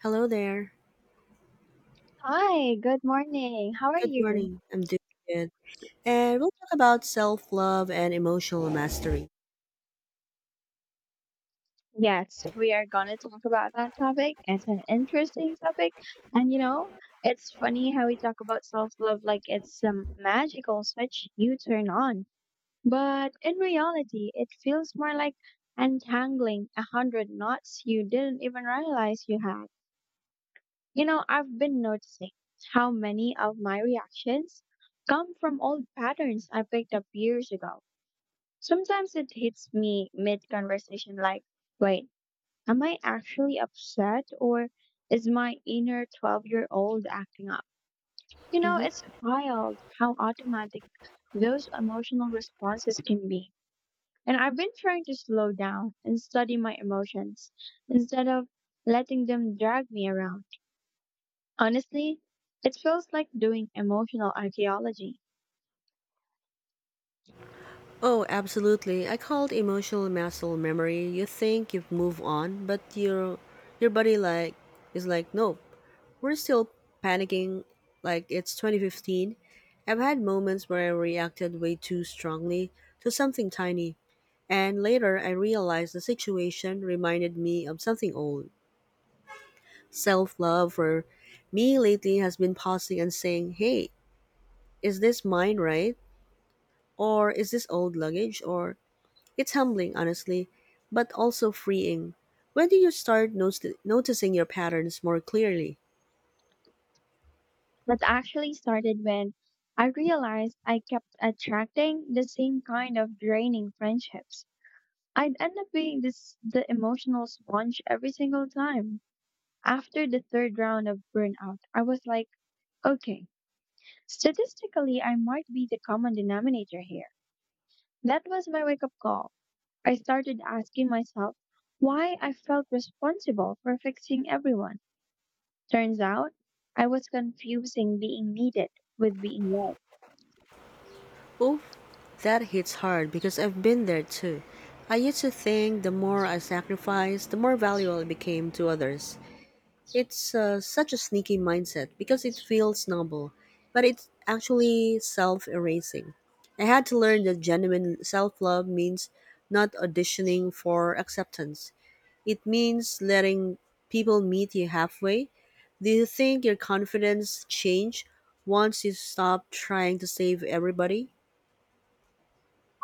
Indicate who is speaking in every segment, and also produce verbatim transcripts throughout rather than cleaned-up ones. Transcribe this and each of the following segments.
Speaker 1: Hello there.
Speaker 2: Hi, good morning. How are
Speaker 1: Good
Speaker 2: you?
Speaker 1: morning. I'm doing good. And we'll talk about self love and emotional mastery.
Speaker 2: Yes, we are going to talk about that topic. It's an interesting topic. And you know, it's funny how we talk about self-love like it's some magical switch you turn on. But in reality, it feels more like untangling a hundred knots you didn't even realize you had. You know, I've been noticing how many of my reactions come from old patterns I picked up years ago. Sometimes it hits me mid conversation like, wait, am I actually upset or is my inner twelve year old acting up? You know,
Speaker 1: hmm
Speaker 2: it's wild how automatic those emotional responses can be. And I've been trying to slow down and study my emotions instead of letting them drag me around. Honestly, it feels like doing emotional archaeology.
Speaker 1: Oh, absolutely. I called emotional muscle memory. You think you've moved on, but your your body like is like, nope, we're still panicking like it's twenty fifteen. I've had moments where I reacted way too strongly to something tiny, and later I realized the situation reminded me of something old. Self love for me lately has been pausing and saying, hey, is this mine, right? Or is this old luggage? Or it's humbling, honestly, but also freeing. When do you start noti- noticing your patterns more clearly?
Speaker 2: That actually started when I realized I kept attracting the same kind of draining friendships. I'd end up being this the emotional sponge every single time. After the third round of burnout, I was like, okay, statistically I might be the common denominator here. That was my wake up call. I started asking myself why I felt responsible for fixing everyone. Turns out I was confusing being needed with being loved.
Speaker 1: Oof, that hits hard because I've been there too. I used to think the more I sacrificed, the more valuable I became to others. It's uh, such a sneaky mindset because it feels noble, but it's actually self erasing. I had to learn that genuine self love means not auditioning for acceptance, it means letting people meet you halfway. Do you think your confidence changed once you stop trying to save everybody?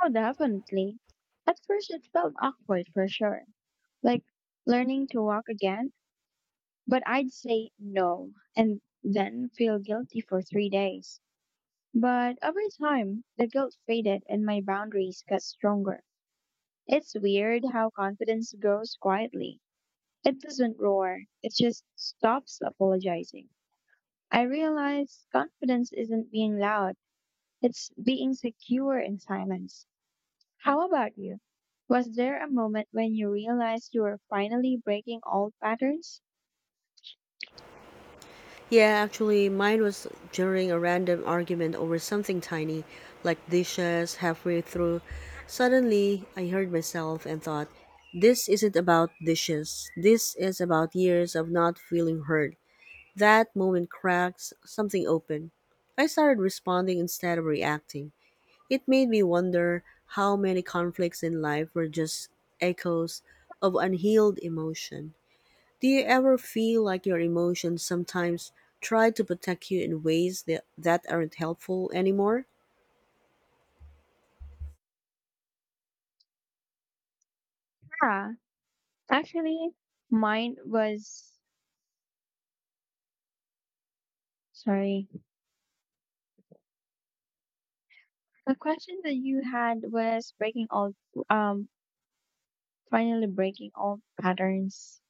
Speaker 2: Oh, definitely. At first, it felt awkward for sure, like learning to walk again, but I'd say no and then feel guilty for three days. But over time, the guilt faded and my boundaries got stronger. It's weird how confidence grows quietly. It doesn't roar, it just stops apologizing. I realized confidence isn't being loud, it's being secure in silence. How about you? Was there a moment when you realized you were finally breaking old patterns?
Speaker 1: Yeah, actually, mine was during a random argument over something tiny, like dishes, halfway through. Suddenly, I heard myself and thought, this isn't about dishes. This is about years of not feeling heard. That moment cracks something open. I started responding instead of reacting. It made me wonder how many conflicts in life were just echoes of unhealed emotion. Do you ever feel like your emotions sometimes try to protect you in ways that, that aren't helpful anymore?
Speaker 2: Yeah, actually, mine was sorry. The question that you had was breaking old, um, finally breaking old patterns.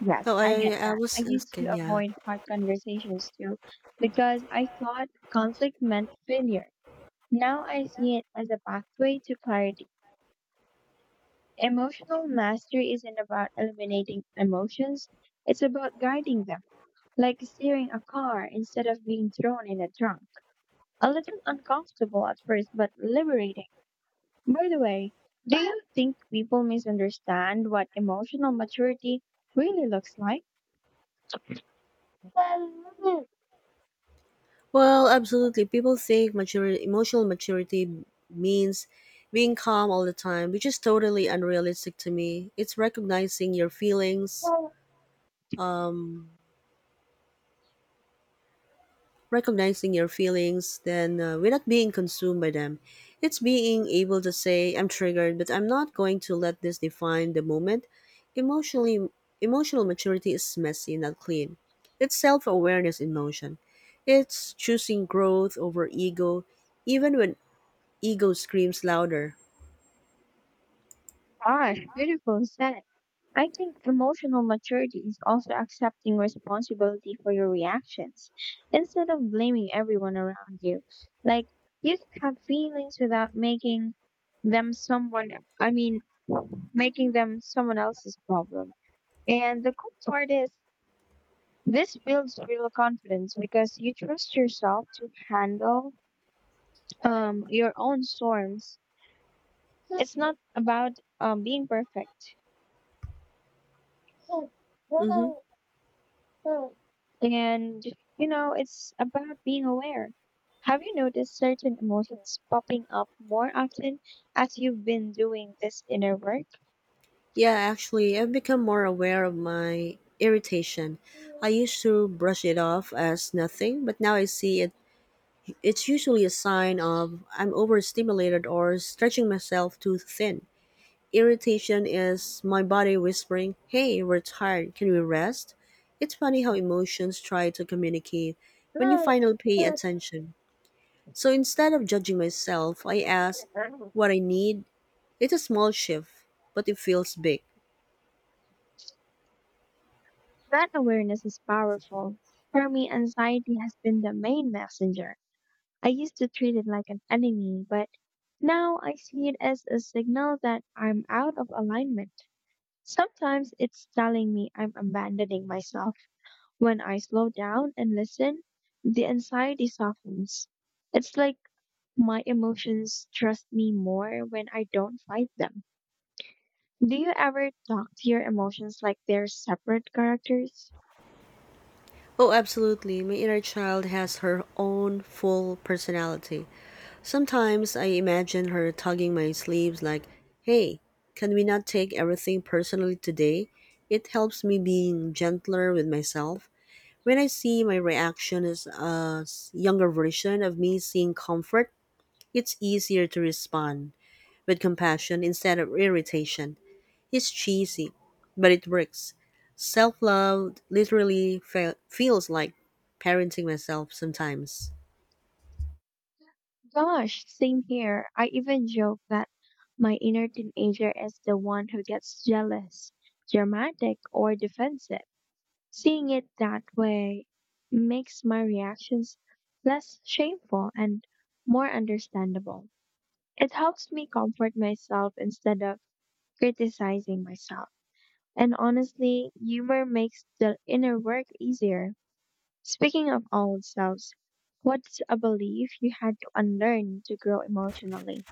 Speaker 2: Yes,
Speaker 1: So
Speaker 2: I
Speaker 1: I,
Speaker 2: get
Speaker 1: I
Speaker 2: that. I
Speaker 1: was
Speaker 2: used
Speaker 1: asking,
Speaker 2: to
Speaker 1: yeah.
Speaker 2: avoid hard conversations too because I thought conflict meant failure. Now I see it as a pathway to clarity. Emotional mastery isn't about eliminating emotions, it's about guiding them, like steering a car instead of being thrown in a trunk. A little uncomfortable at first, but liberating. By the way, do you think people misunderstand what emotional maturity really looks like?
Speaker 1: Well, absolutely. People think maturity, emotional maturity means being calm all the time, which is totally unrealistic to me. It's recognizing your feelings, um, recognizing your feelings, then uh, we're not being consumed by them. It's being able to say, I'm triggered, but I'm not going to let this define the moment. Emotionally, emotional maturity is messy, not clean. It's self awareness in motion. It's choosing growth over ego, even when ego screams louder.
Speaker 2: Gosh, beautiful said. I think emotional maturity is also accepting responsibility for your reactions instead of blaming everyone around you. Like, you can have feelings without making them someone, I mean, making them someone else's problem. And the cool part is, this builds real confidence because you trust yourself to handle um, your own storms. It's not about um, being perfect.
Speaker 1: Mm-hmm.
Speaker 2: Mm. And, you know, it's about being aware. Have you noticed certain emotions popping up more often as you've been doing this inner work?
Speaker 1: Yeah, actually, I've become more aware of my irritation. I
Speaker 2: Mm.
Speaker 1: used to brush it off as nothing, but now I see it. It's usually a sign of I'm overstimulated or stretching myself too thin. Irritation is my body whispering, hey, we're tired, can we rest? It's funny how emotions try to communicate when you finally pay attention. So instead of judging myself, I ask
Speaker 2: Mm.
Speaker 1: what I need. It's a small shift, but it feels big.
Speaker 2: That awareness is powerful. For me, anxiety has been the main messenger. I used to treat it like an enemy, but now I see it as a signal that I'm out of alignment. Sometimes it's telling me I'm abandoning myself. When I slow down and listen, the anxiety softens. It's like my emotions trust me more when I don't fight them. Do you ever talk to your emotions like they're separate characters?
Speaker 1: Oh, absolutely. My inner child has her own full personality. Sometimes I imagine her tugging my sleeves like, hey, can we not take everything personally today? It helps me being gentler with myself. When I see my reaction as a s- younger version of me seeing comfort, it's easier to respond with compassion instead of irritation. It's cheesy, but it works. Self love literally fe- feels like parenting myself sometimes.
Speaker 2: Gosh, same here. I even joke that my inner teenager is the one who gets jealous, dramatic, or defensive. Seeing it that way makes my reactions less shameful and more understandable. It helps me comfort myself instead of criticizing myself. And honestly, humor makes the inner work easier. Speaking of old selves, what's a belief you had to unlearn to grow emotionally?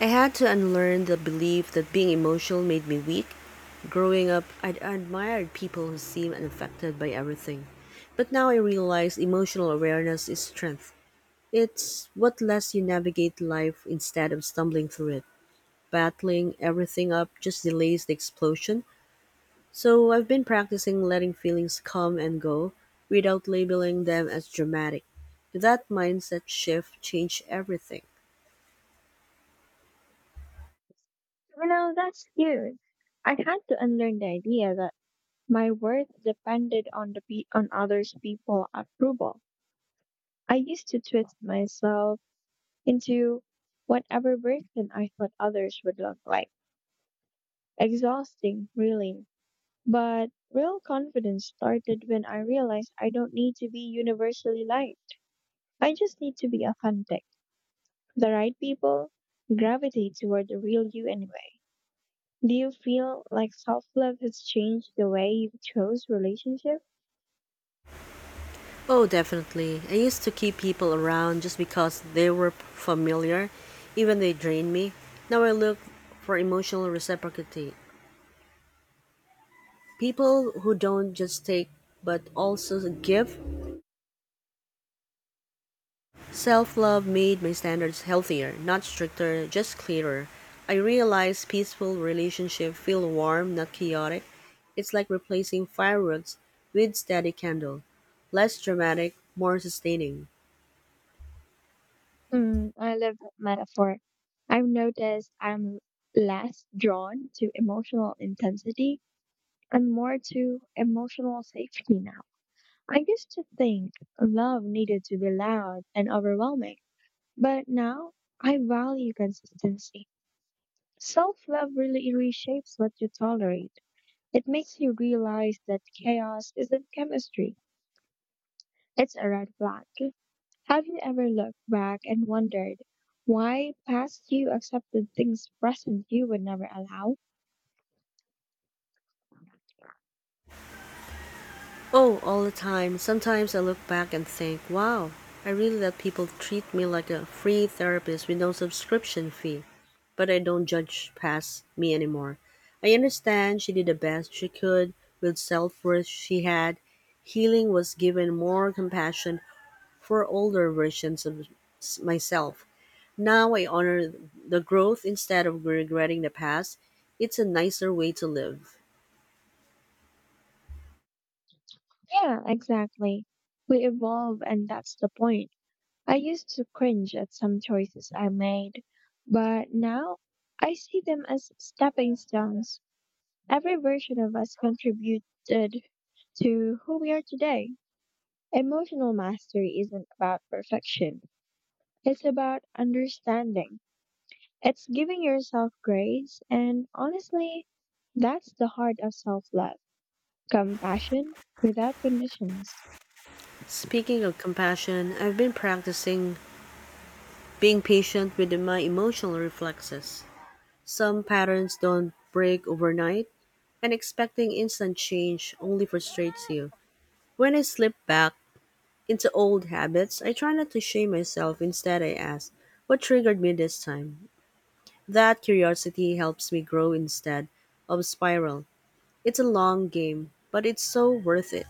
Speaker 1: I had to unlearn the belief that being emotional made me weak. Growing up, I'd admired people who seemed unaffected by everything. But now I realize emotional awareness is strength. It's what lets you navigate life instead of stumbling through it. Battling everything up just delays the explosion. So I've been practicing letting feelings come and go without labeling them as dramatic. That mindset shift changed everything.
Speaker 2: You know, that's huge. I had to unlearn the idea that my worth depended on the pe- on others people approval. I used to twist myself into whatever version I thought others would look like. Exhausting, really. But real confidence started when I realized I don't need to be universally liked. I just need to be authentic. The right people gravitate toward the real you anyway. Do you feel like self love has changed the way you chose relationship?
Speaker 1: Oh, definitely. I used to keep people around just because they were p- familiar, even they drained me. Now I look for emotional reciprocity. People who don't just take but also give. Self love made my standards healthier, not stricter, just clearer. I realize peaceful relationships feel warm, not chaotic. It's like replacing fireworks with steady candle. Less dramatic, more sustaining.
Speaker 2: Mm, I love that metaphor. I've noticed I'm less drawn to emotional intensity and more to emotional safety now. I used to think love needed to be loud and overwhelming, but now I value consistency. Self love really reshapes what you tolerate. It makes you realize that chaos isn't chemistry, it's a red flag. Have you ever looked back and wondered why past you accepted things present you would never allow?
Speaker 1: Oh, all the time. Sometimes I look back and think, wow, I really let people treat me like a free therapist with no subscription fee, but I don't judge past me anymore. I understand she did the best she could with self worth she had. Healing was given more compassion for older versions of s- myself. Now I honor the growth instead of regretting the past. It's a nicer way to live.
Speaker 2: Yeah, exactly. We evolve, and that's the point. I used to cringe at some choices I made, but now I see them as stepping stones. Every version of us contributed to who we are today. Emotional mastery isn't about perfection, it's about understanding. It's giving yourself grace, and honestly, that's the heart of self love compassion without conditions.
Speaker 1: Speaking of compassion, I've been practicing being patient with my emotional reflexes. Some patterns don't break overnight, and expecting instant change only frustrates you. When I slip back into old habits, I try not to shame myself. Instead, I ask, what triggered me this time? That curiosity helps me grow instead of spiral. It's a long game, but it's so worth it.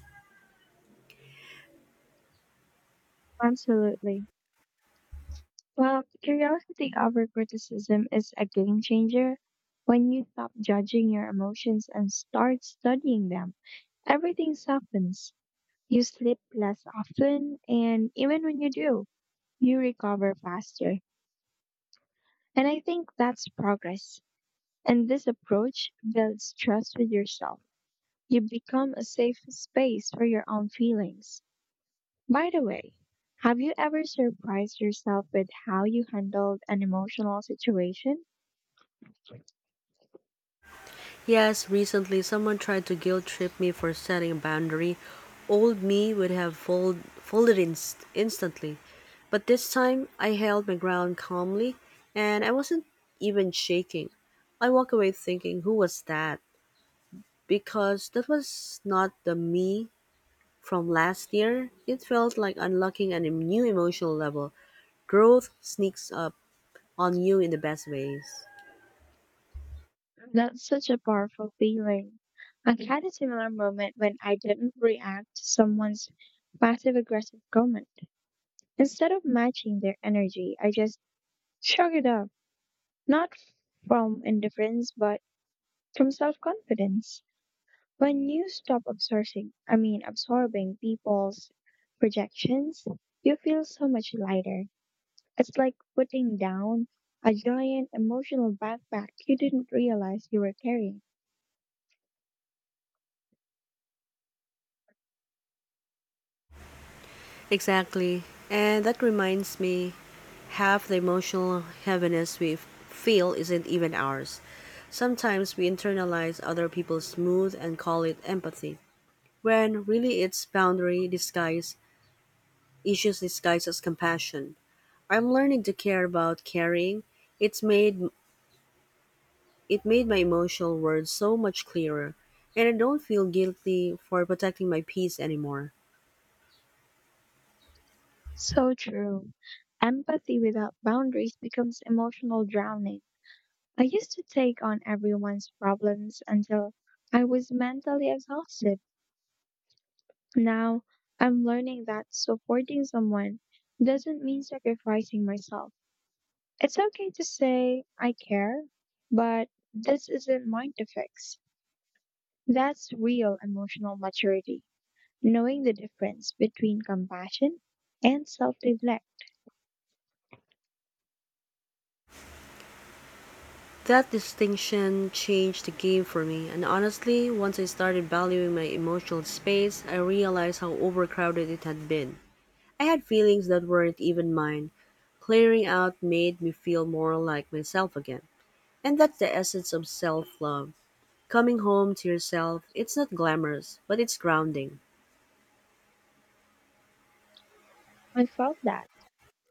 Speaker 2: Absolutely. Well, curiosity over criticism is a game changer. When you stop judging your emotions and start studying them, everything softens. You sleep less often, and even when you do, you recover faster. And I think that's progress. And this approach builds trust with yourself. You become a safe space for your own feelings. By the way, have you ever surprised yourself with how you handled an emotional situation?
Speaker 1: Yes, recently someone tried to guilt trip me for setting a boundary. Old me would have fold, folded inst- instantly. But this time I held my ground calmly and I wasn't even shaking. I walk away thinking, who was that? Because that was not the me from last year. It felt like unlocking a new emotional level. Growth sneaks up on you in the best ways.
Speaker 2: That's such a powerful feeling. I had a similar moment when I didn't react to someone's passive aggressive comment. Instead of matching their energy, I just shrug it up, not from indifference, but from self confidence. When you stop absorbing, I mean, absorbing people's projections, you feel so much lighter. It's like putting down a giant emotional backpack you didn't realize you were carrying.
Speaker 1: Exactly. And that reminds me, half the emotional heaviness we f- feel isn't even ours. Sometimes we internalize other people's smooth and call it empathy, when really it's boundary disguise, issues disguised as compassion. I'm learning to care about caring. It's made it made my emotional words so much clearer, and I don't feel guilty for protecting my peace anymore.
Speaker 2: So true. Empathy without boundaries becomes emotional drowning. I used to take on everyone's problems until I was mentally exhausted. Now, I'm learning that supporting someone doesn't mean sacrificing myself. It's okay to say, I care, but this isn't mine to fix. That's real emotional maturity. Knowing the difference between compassion and self neglect.
Speaker 1: That distinction changed the game for me, and honestly, once I started valuing my emotional space, I realized how overcrowded it had been. I had feelings that weren't even mine. Clearing out made me feel more like myself again. And that's the essence of self love. Coming home to yourself, it's not glamorous, but it's grounding.
Speaker 2: I felt that.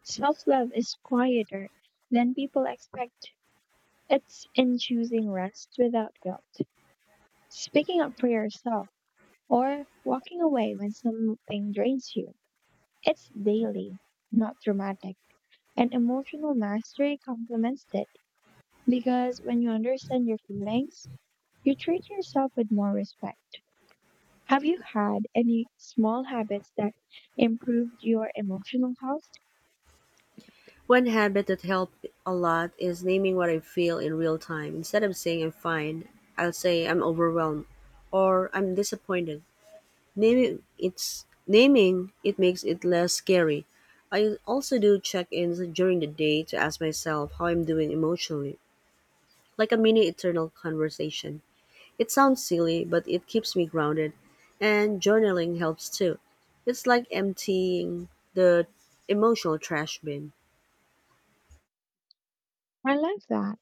Speaker 2: Self love is quieter than people expect. It's in choosing rest without guilt, speaking up for yourself, or walking away when something drains you. It's daily, not dramatic. And emotional mastery complements it because when you understand your feelings, you treat yourself with more respect. Have you had any small habits that improved your emotional health?
Speaker 1: One habit that helped a lot is naming what I feel in real time. Instead of saying I'm fine, I'll say I'm overwhelmed or I'm disappointed. Naming it's naming it makes it less scary. I also do check-ins during the day to ask myself how I'm doing emotionally, like a mini eternal conversation. It sounds silly, but it keeps me grounded, and journaling helps too. It's like emptying the emotional trash bin.
Speaker 2: I love that.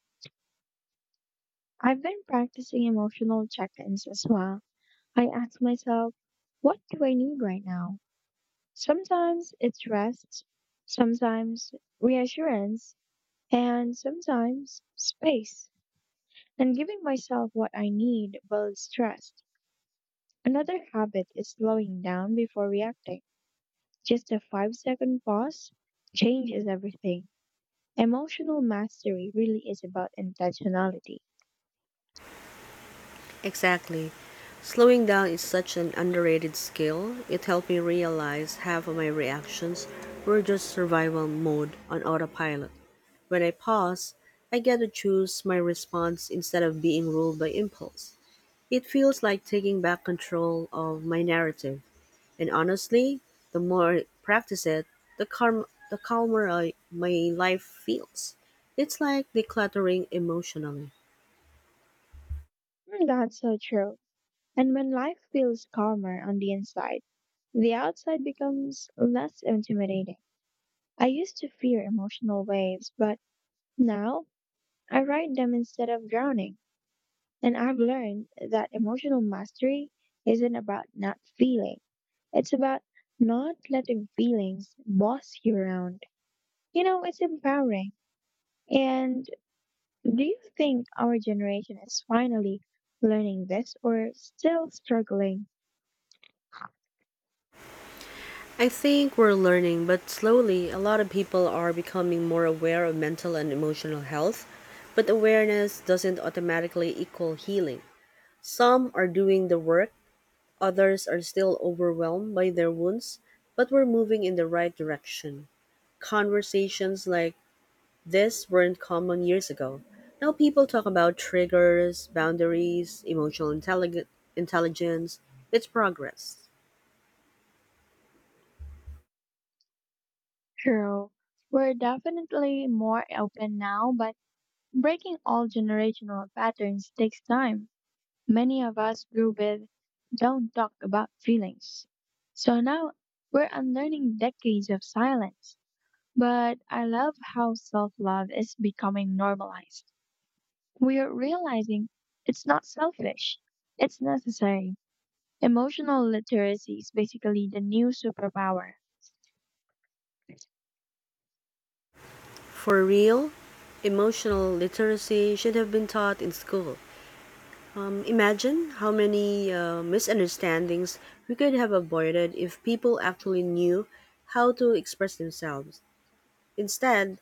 Speaker 2: I've been practicing emotional check ins as well. I ask myself, what do I need right now? Sometimes it's rest, sometimes reassurance, and sometimes space. And giving myself what I need builds trust. Another habit is slowing down before reacting. Just a five second pause changes everything. Emotional mastery really is about intentionality.
Speaker 1: Exactly. Slowing down is such an underrated skill. It helped me realize half of my reactions were just survival mode on autopilot. When I pause, I get to choose my response instead of being ruled by impulse. It feels like taking back control of my narrative. And honestly, the more I practice it, the, calm, the calmer I, my life feels. It's like decluttering emotionally.
Speaker 2: Mm, that's so true. And when life feels calmer on the inside, the outside becomes less intimidating. I used to fear emotional waves, but now I ride them instead of drowning. And I've learned that emotional mastery isn't about not feeling. It's about not letting feelings boss you around. You know, it's empowering. And do you think our generation is finally learning this or still struggling?
Speaker 1: I think we're learning, but slowly, a lot of people are becoming more aware of mental and emotional health. But awareness doesn't automatically equal healing. Some are doing the work, others are still overwhelmed by their wounds, but we're moving in the right direction. Conversations like this weren't common years ago. Now people talk about triggers, boundaries, emotional intellig- intelligence. It's progress.
Speaker 2: Girl, we're definitely more open now, but breaking all generational patterns takes time. Many of us grew with don't talk about feelings. So now we're unlearning decades of silence. But I love how self love is becoming normalized. We are realizing it's not selfish, it's necessary. Emotional literacy is basically the new superpower.
Speaker 1: For real, emotional literacy should have been taught in school. Um, imagine how many uh, misunderstandings we could have avoided if people actually knew how to express themselves. Instead,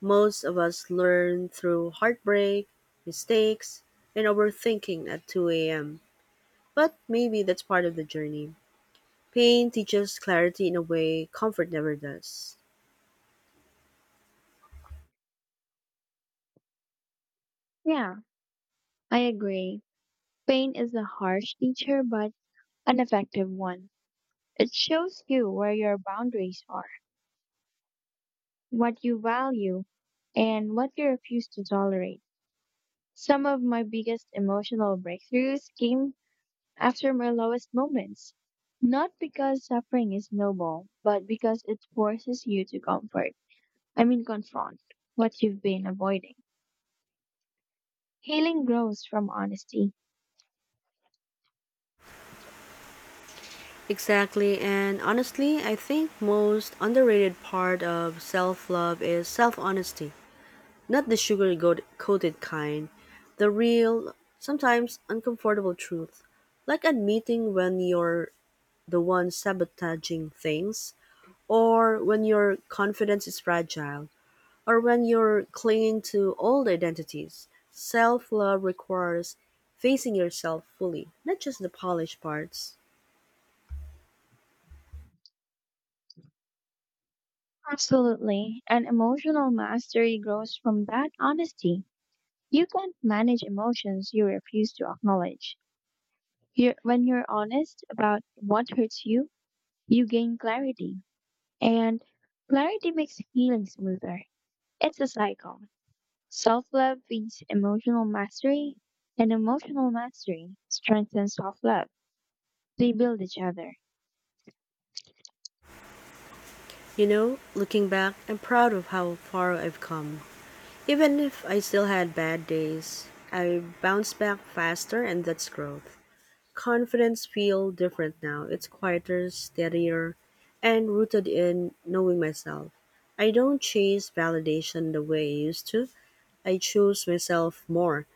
Speaker 1: most of us learn through heartbreak, mistakes, and overthinking at two a m. But maybe that's part of the journey. Pain teaches clarity in a way comfort never does.
Speaker 2: Yeah, I agree. Pain is a harsh teacher, but an effective one. It shows you where your boundaries are, what you value, and what you refuse to tolerate. Some of my biggest emotional breakthroughs came after my lowest moments. Not because suffering is noble, but because it forces you to comfort, I mean, confront what you've been avoiding. Healing grows from honesty.
Speaker 1: Exactly, and honestly, I think most underrated part of self-love is self-honesty. Not the sugar-coated kind, the real, sometimes uncomfortable truth. Like admitting when you're the one sabotaging things or when your confidence is fragile, or when you're clinging to old identities. Self love requires facing yourself fully, not just the polished parts.
Speaker 2: Absolutely. And emotional mastery grows from that honesty. You can't manage emotions you refuse to acknowledge. You when you're honest about what hurts you, you gain clarity, and clarity makes healing smoother. It's a cycle. Self love feeds emotional mastery, and emotional mastery strengthens self love. They build each other.
Speaker 1: You know, looking back, I'm proud of how far I've come. Even if I still had bad days, I bounced back faster, and that's growth. Confidence feels different now. It's quieter, steadier, and rooted in knowing myself. I don't chase validation the way I used to. I choose myself more.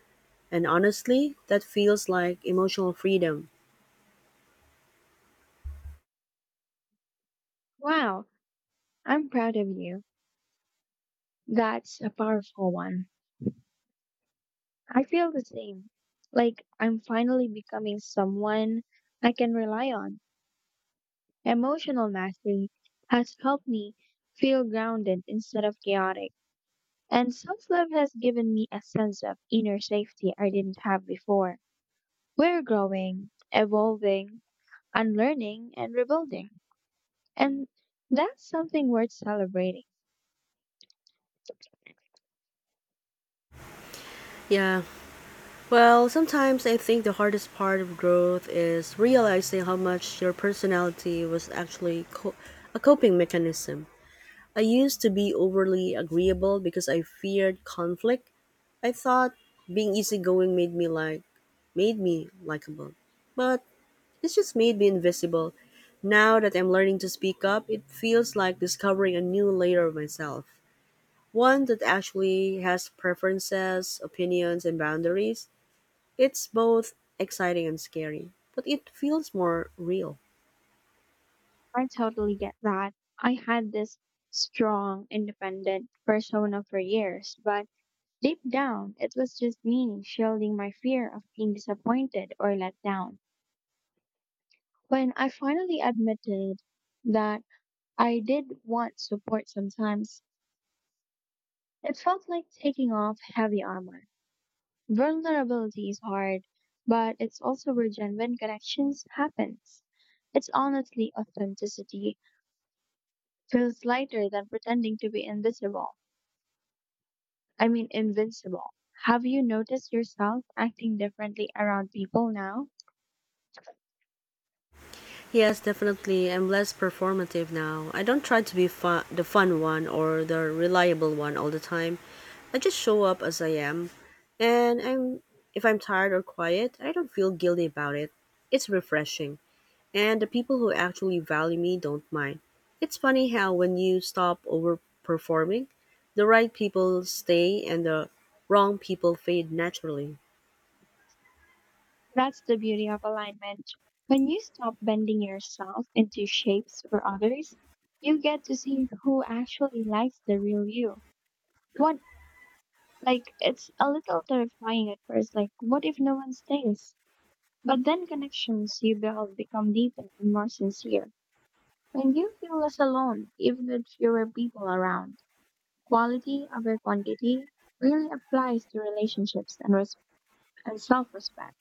Speaker 1: And honestly, that feels like emotional freedom.
Speaker 2: Wow, I'm proud of you. That's a powerful one. I feel the same. Like I'm finally becoming someone I can rely on. Emotional mastery has helped me feel grounded instead of chaotic. And self love has given me a sense of inner safety I didn't have before. We're growing, evolving, unlearning, and rebuilding. And that's something worth celebrating.
Speaker 1: Yeah. Well, sometimes I think the hardest part of growth is realizing how much your personality was actually co- a coping mechanism. I used to be overly agreeable because I feared conflict. I thought being easygoing made me like made me likable. But it just made me invisible. Now that I'm learning to speak up, it feels like discovering a new layer of myself, one that actually has preferences, opinions, and boundaries. It's both exciting and scary, but it feels more real.
Speaker 2: I totally get that. I had this strong, independent persona for years, but deep down, it was just me shielding my fear of being disappointed or let down. When I finally admitted that I did want support sometimes, it felt like taking off heavy armor. Vulnerability is hard, but it's also where genuine connections happens. It's honestly authenticity feels lighter than pretending to be invisible. I mean invincible. Have you noticed yourself acting differently around people now?
Speaker 1: Yes, definitely. I'm less performative now. I don't try to be fun, the fun one or the reliable one all the time. I just show up as I am, and I'm if I'm tired or quiet, I don't feel guilty about it. It's refreshing. And the people who actually value me don't mind. It's funny how when you stop overperforming, the right people stay and the wrong people fade naturally.
Speaker 2: That's the beauty of alignment. When you stop bending yourself into shapes for others, you get to see who actually likes the real you. What, like, it's a little terrifying at first. Like, what if no one stays? But then connections you build become deeper and more sincere. And you feel less alone, even with fewer people around. Quality over quantity really applies to relationships and, res- and self respect.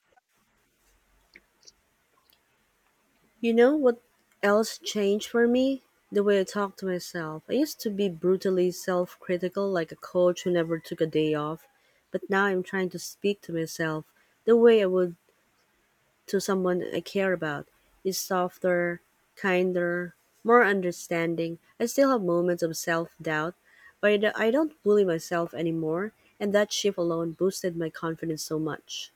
Speaker 1: You know what else changed for me? The way I talk to myself. I used to be brutally self critical, like a coach who never took a day off, but now I'm trying to speak to myself the way I would to someone I care about. Is softer, kinder, more understanding. I still have moments of self doubt, but I do- don't bully myself anymore, and that shift alone boosted my confidence so much.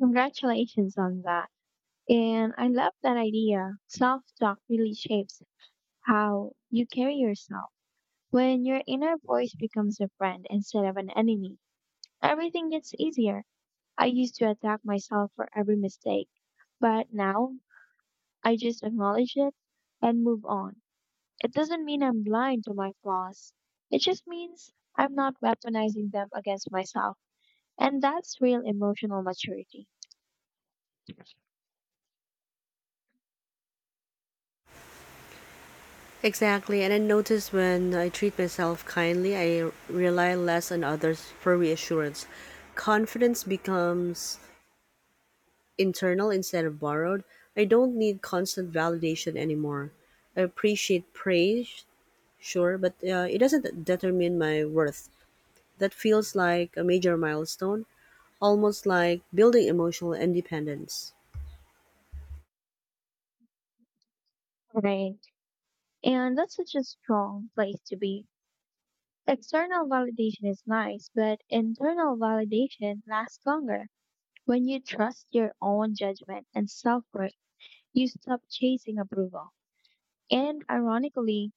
Speaker 2: Congratulations on that. And I love that idea. Self talk really shapes how you carry yourself. When your inner voice becomes a friend instead of an enemy, everything gets easier. I used to attack myself for every mistake, but now I just acknowledge it and move on. It doesn't mean I'm blind to my flaws. It just means I'm not weaponizing them against myself. And that's real emotional maturity.
Speaker 1: Exactly, and I notice when I treat myself kindly, I rely less on others for reassurance. Confidence becomes internal instead of borrowed. I don't need constant validation anymore. I appreciate praise sure, but uh, it doesn't determine my worth. That feels like a major milestone, almost like building emotional independence.
Speaker 2: Right. And that's such a strong place to be. External validation is nice, but internal validation lasts longer. When you trust your own judgment and self worth, you stop chasing approval. And ironically,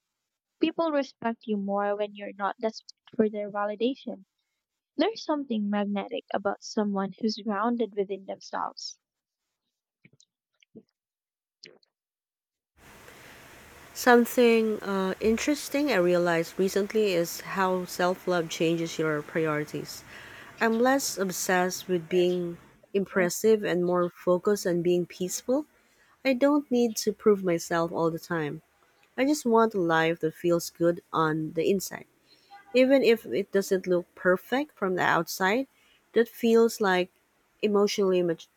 Speaker 2: people respect you more when you're not desperate for their validation. There's something magnetic about someone who's grounded within themselves.
Speaker 1: Something uh, interesting I realized recently is how self love changes your priorities. I'm less obsessed with being
Speaker 2: I
Speaker 1: impressive and more focused on being peaceful. I don't need to prove myself all the time. I just want a life that feels good on the inside. Even if it doesn't look perfect from the outside, that feels like emotionally mat-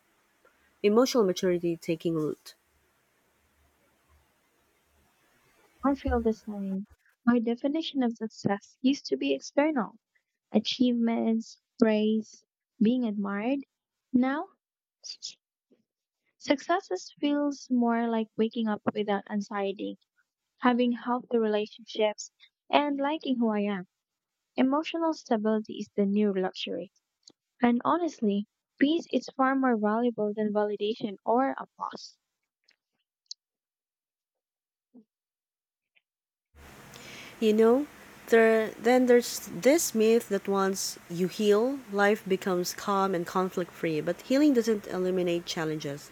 Speaker 1: emotional maturity taking root.
Speaker 2: don't feel the same. My definition of success used to be external achievements, praise, being admired. Now, s- success is- feels more like waking up without anxiety, having healthy relationships, and liking who I am. Emotional stability is the new luxury. And honestly, peace is far more valuable than validation or applause.
Speaker 1: You know, there then there's this myth that once you heal, life becomes calm and conflict free, but healing doesn't eliminate challenges.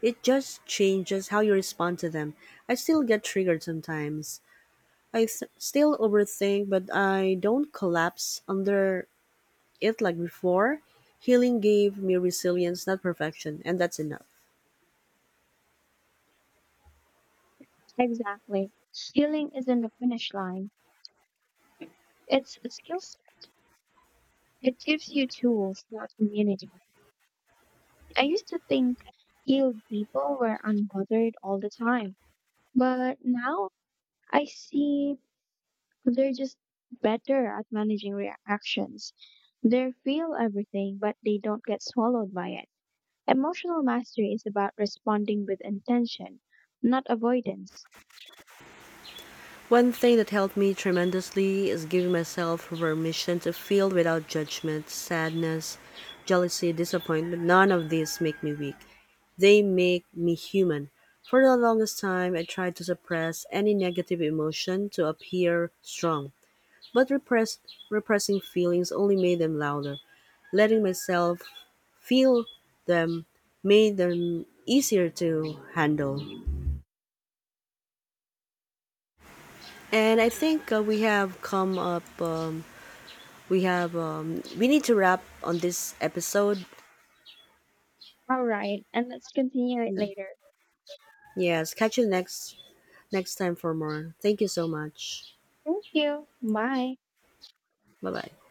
Speaker 1: It just changes how you respond to them. I still get triggered sometimes. I th- still overthink, but I don't collapse under it like before. Healing gave me resilience, not perfection, and that's enough.
Speaker 2: Exactly. Healing isn't a finish line, it's a skill set. It gives you tools, not immunity. I used to think healed people were unbothered all the time, but now I see they're just better at managing reactions. They feel everything, but they don't get swallowed by it. Emotional mastery is about responding with intention, not avoidance.
Speaker 1: One thing that helped me tremendously is giving myself permission to feel without judgment, sadness, jealousy, disappointment. None of these make me weak. They make me human. For the longest time, I tried to suppress any negative emotion to appear strong, but repress, repressing feelings only made them louder. Letting myself feel them made them easier to handle, and I think uh, we have come up um, we have um, we need to wrap on this episode.
Speaker 2: All right, and let's continue it later.
Speaker 1: Yes, catch you next next time for more. Thank you so much.
Speaker 2: Thank you. Bye.
Speaker 1: Bye bye.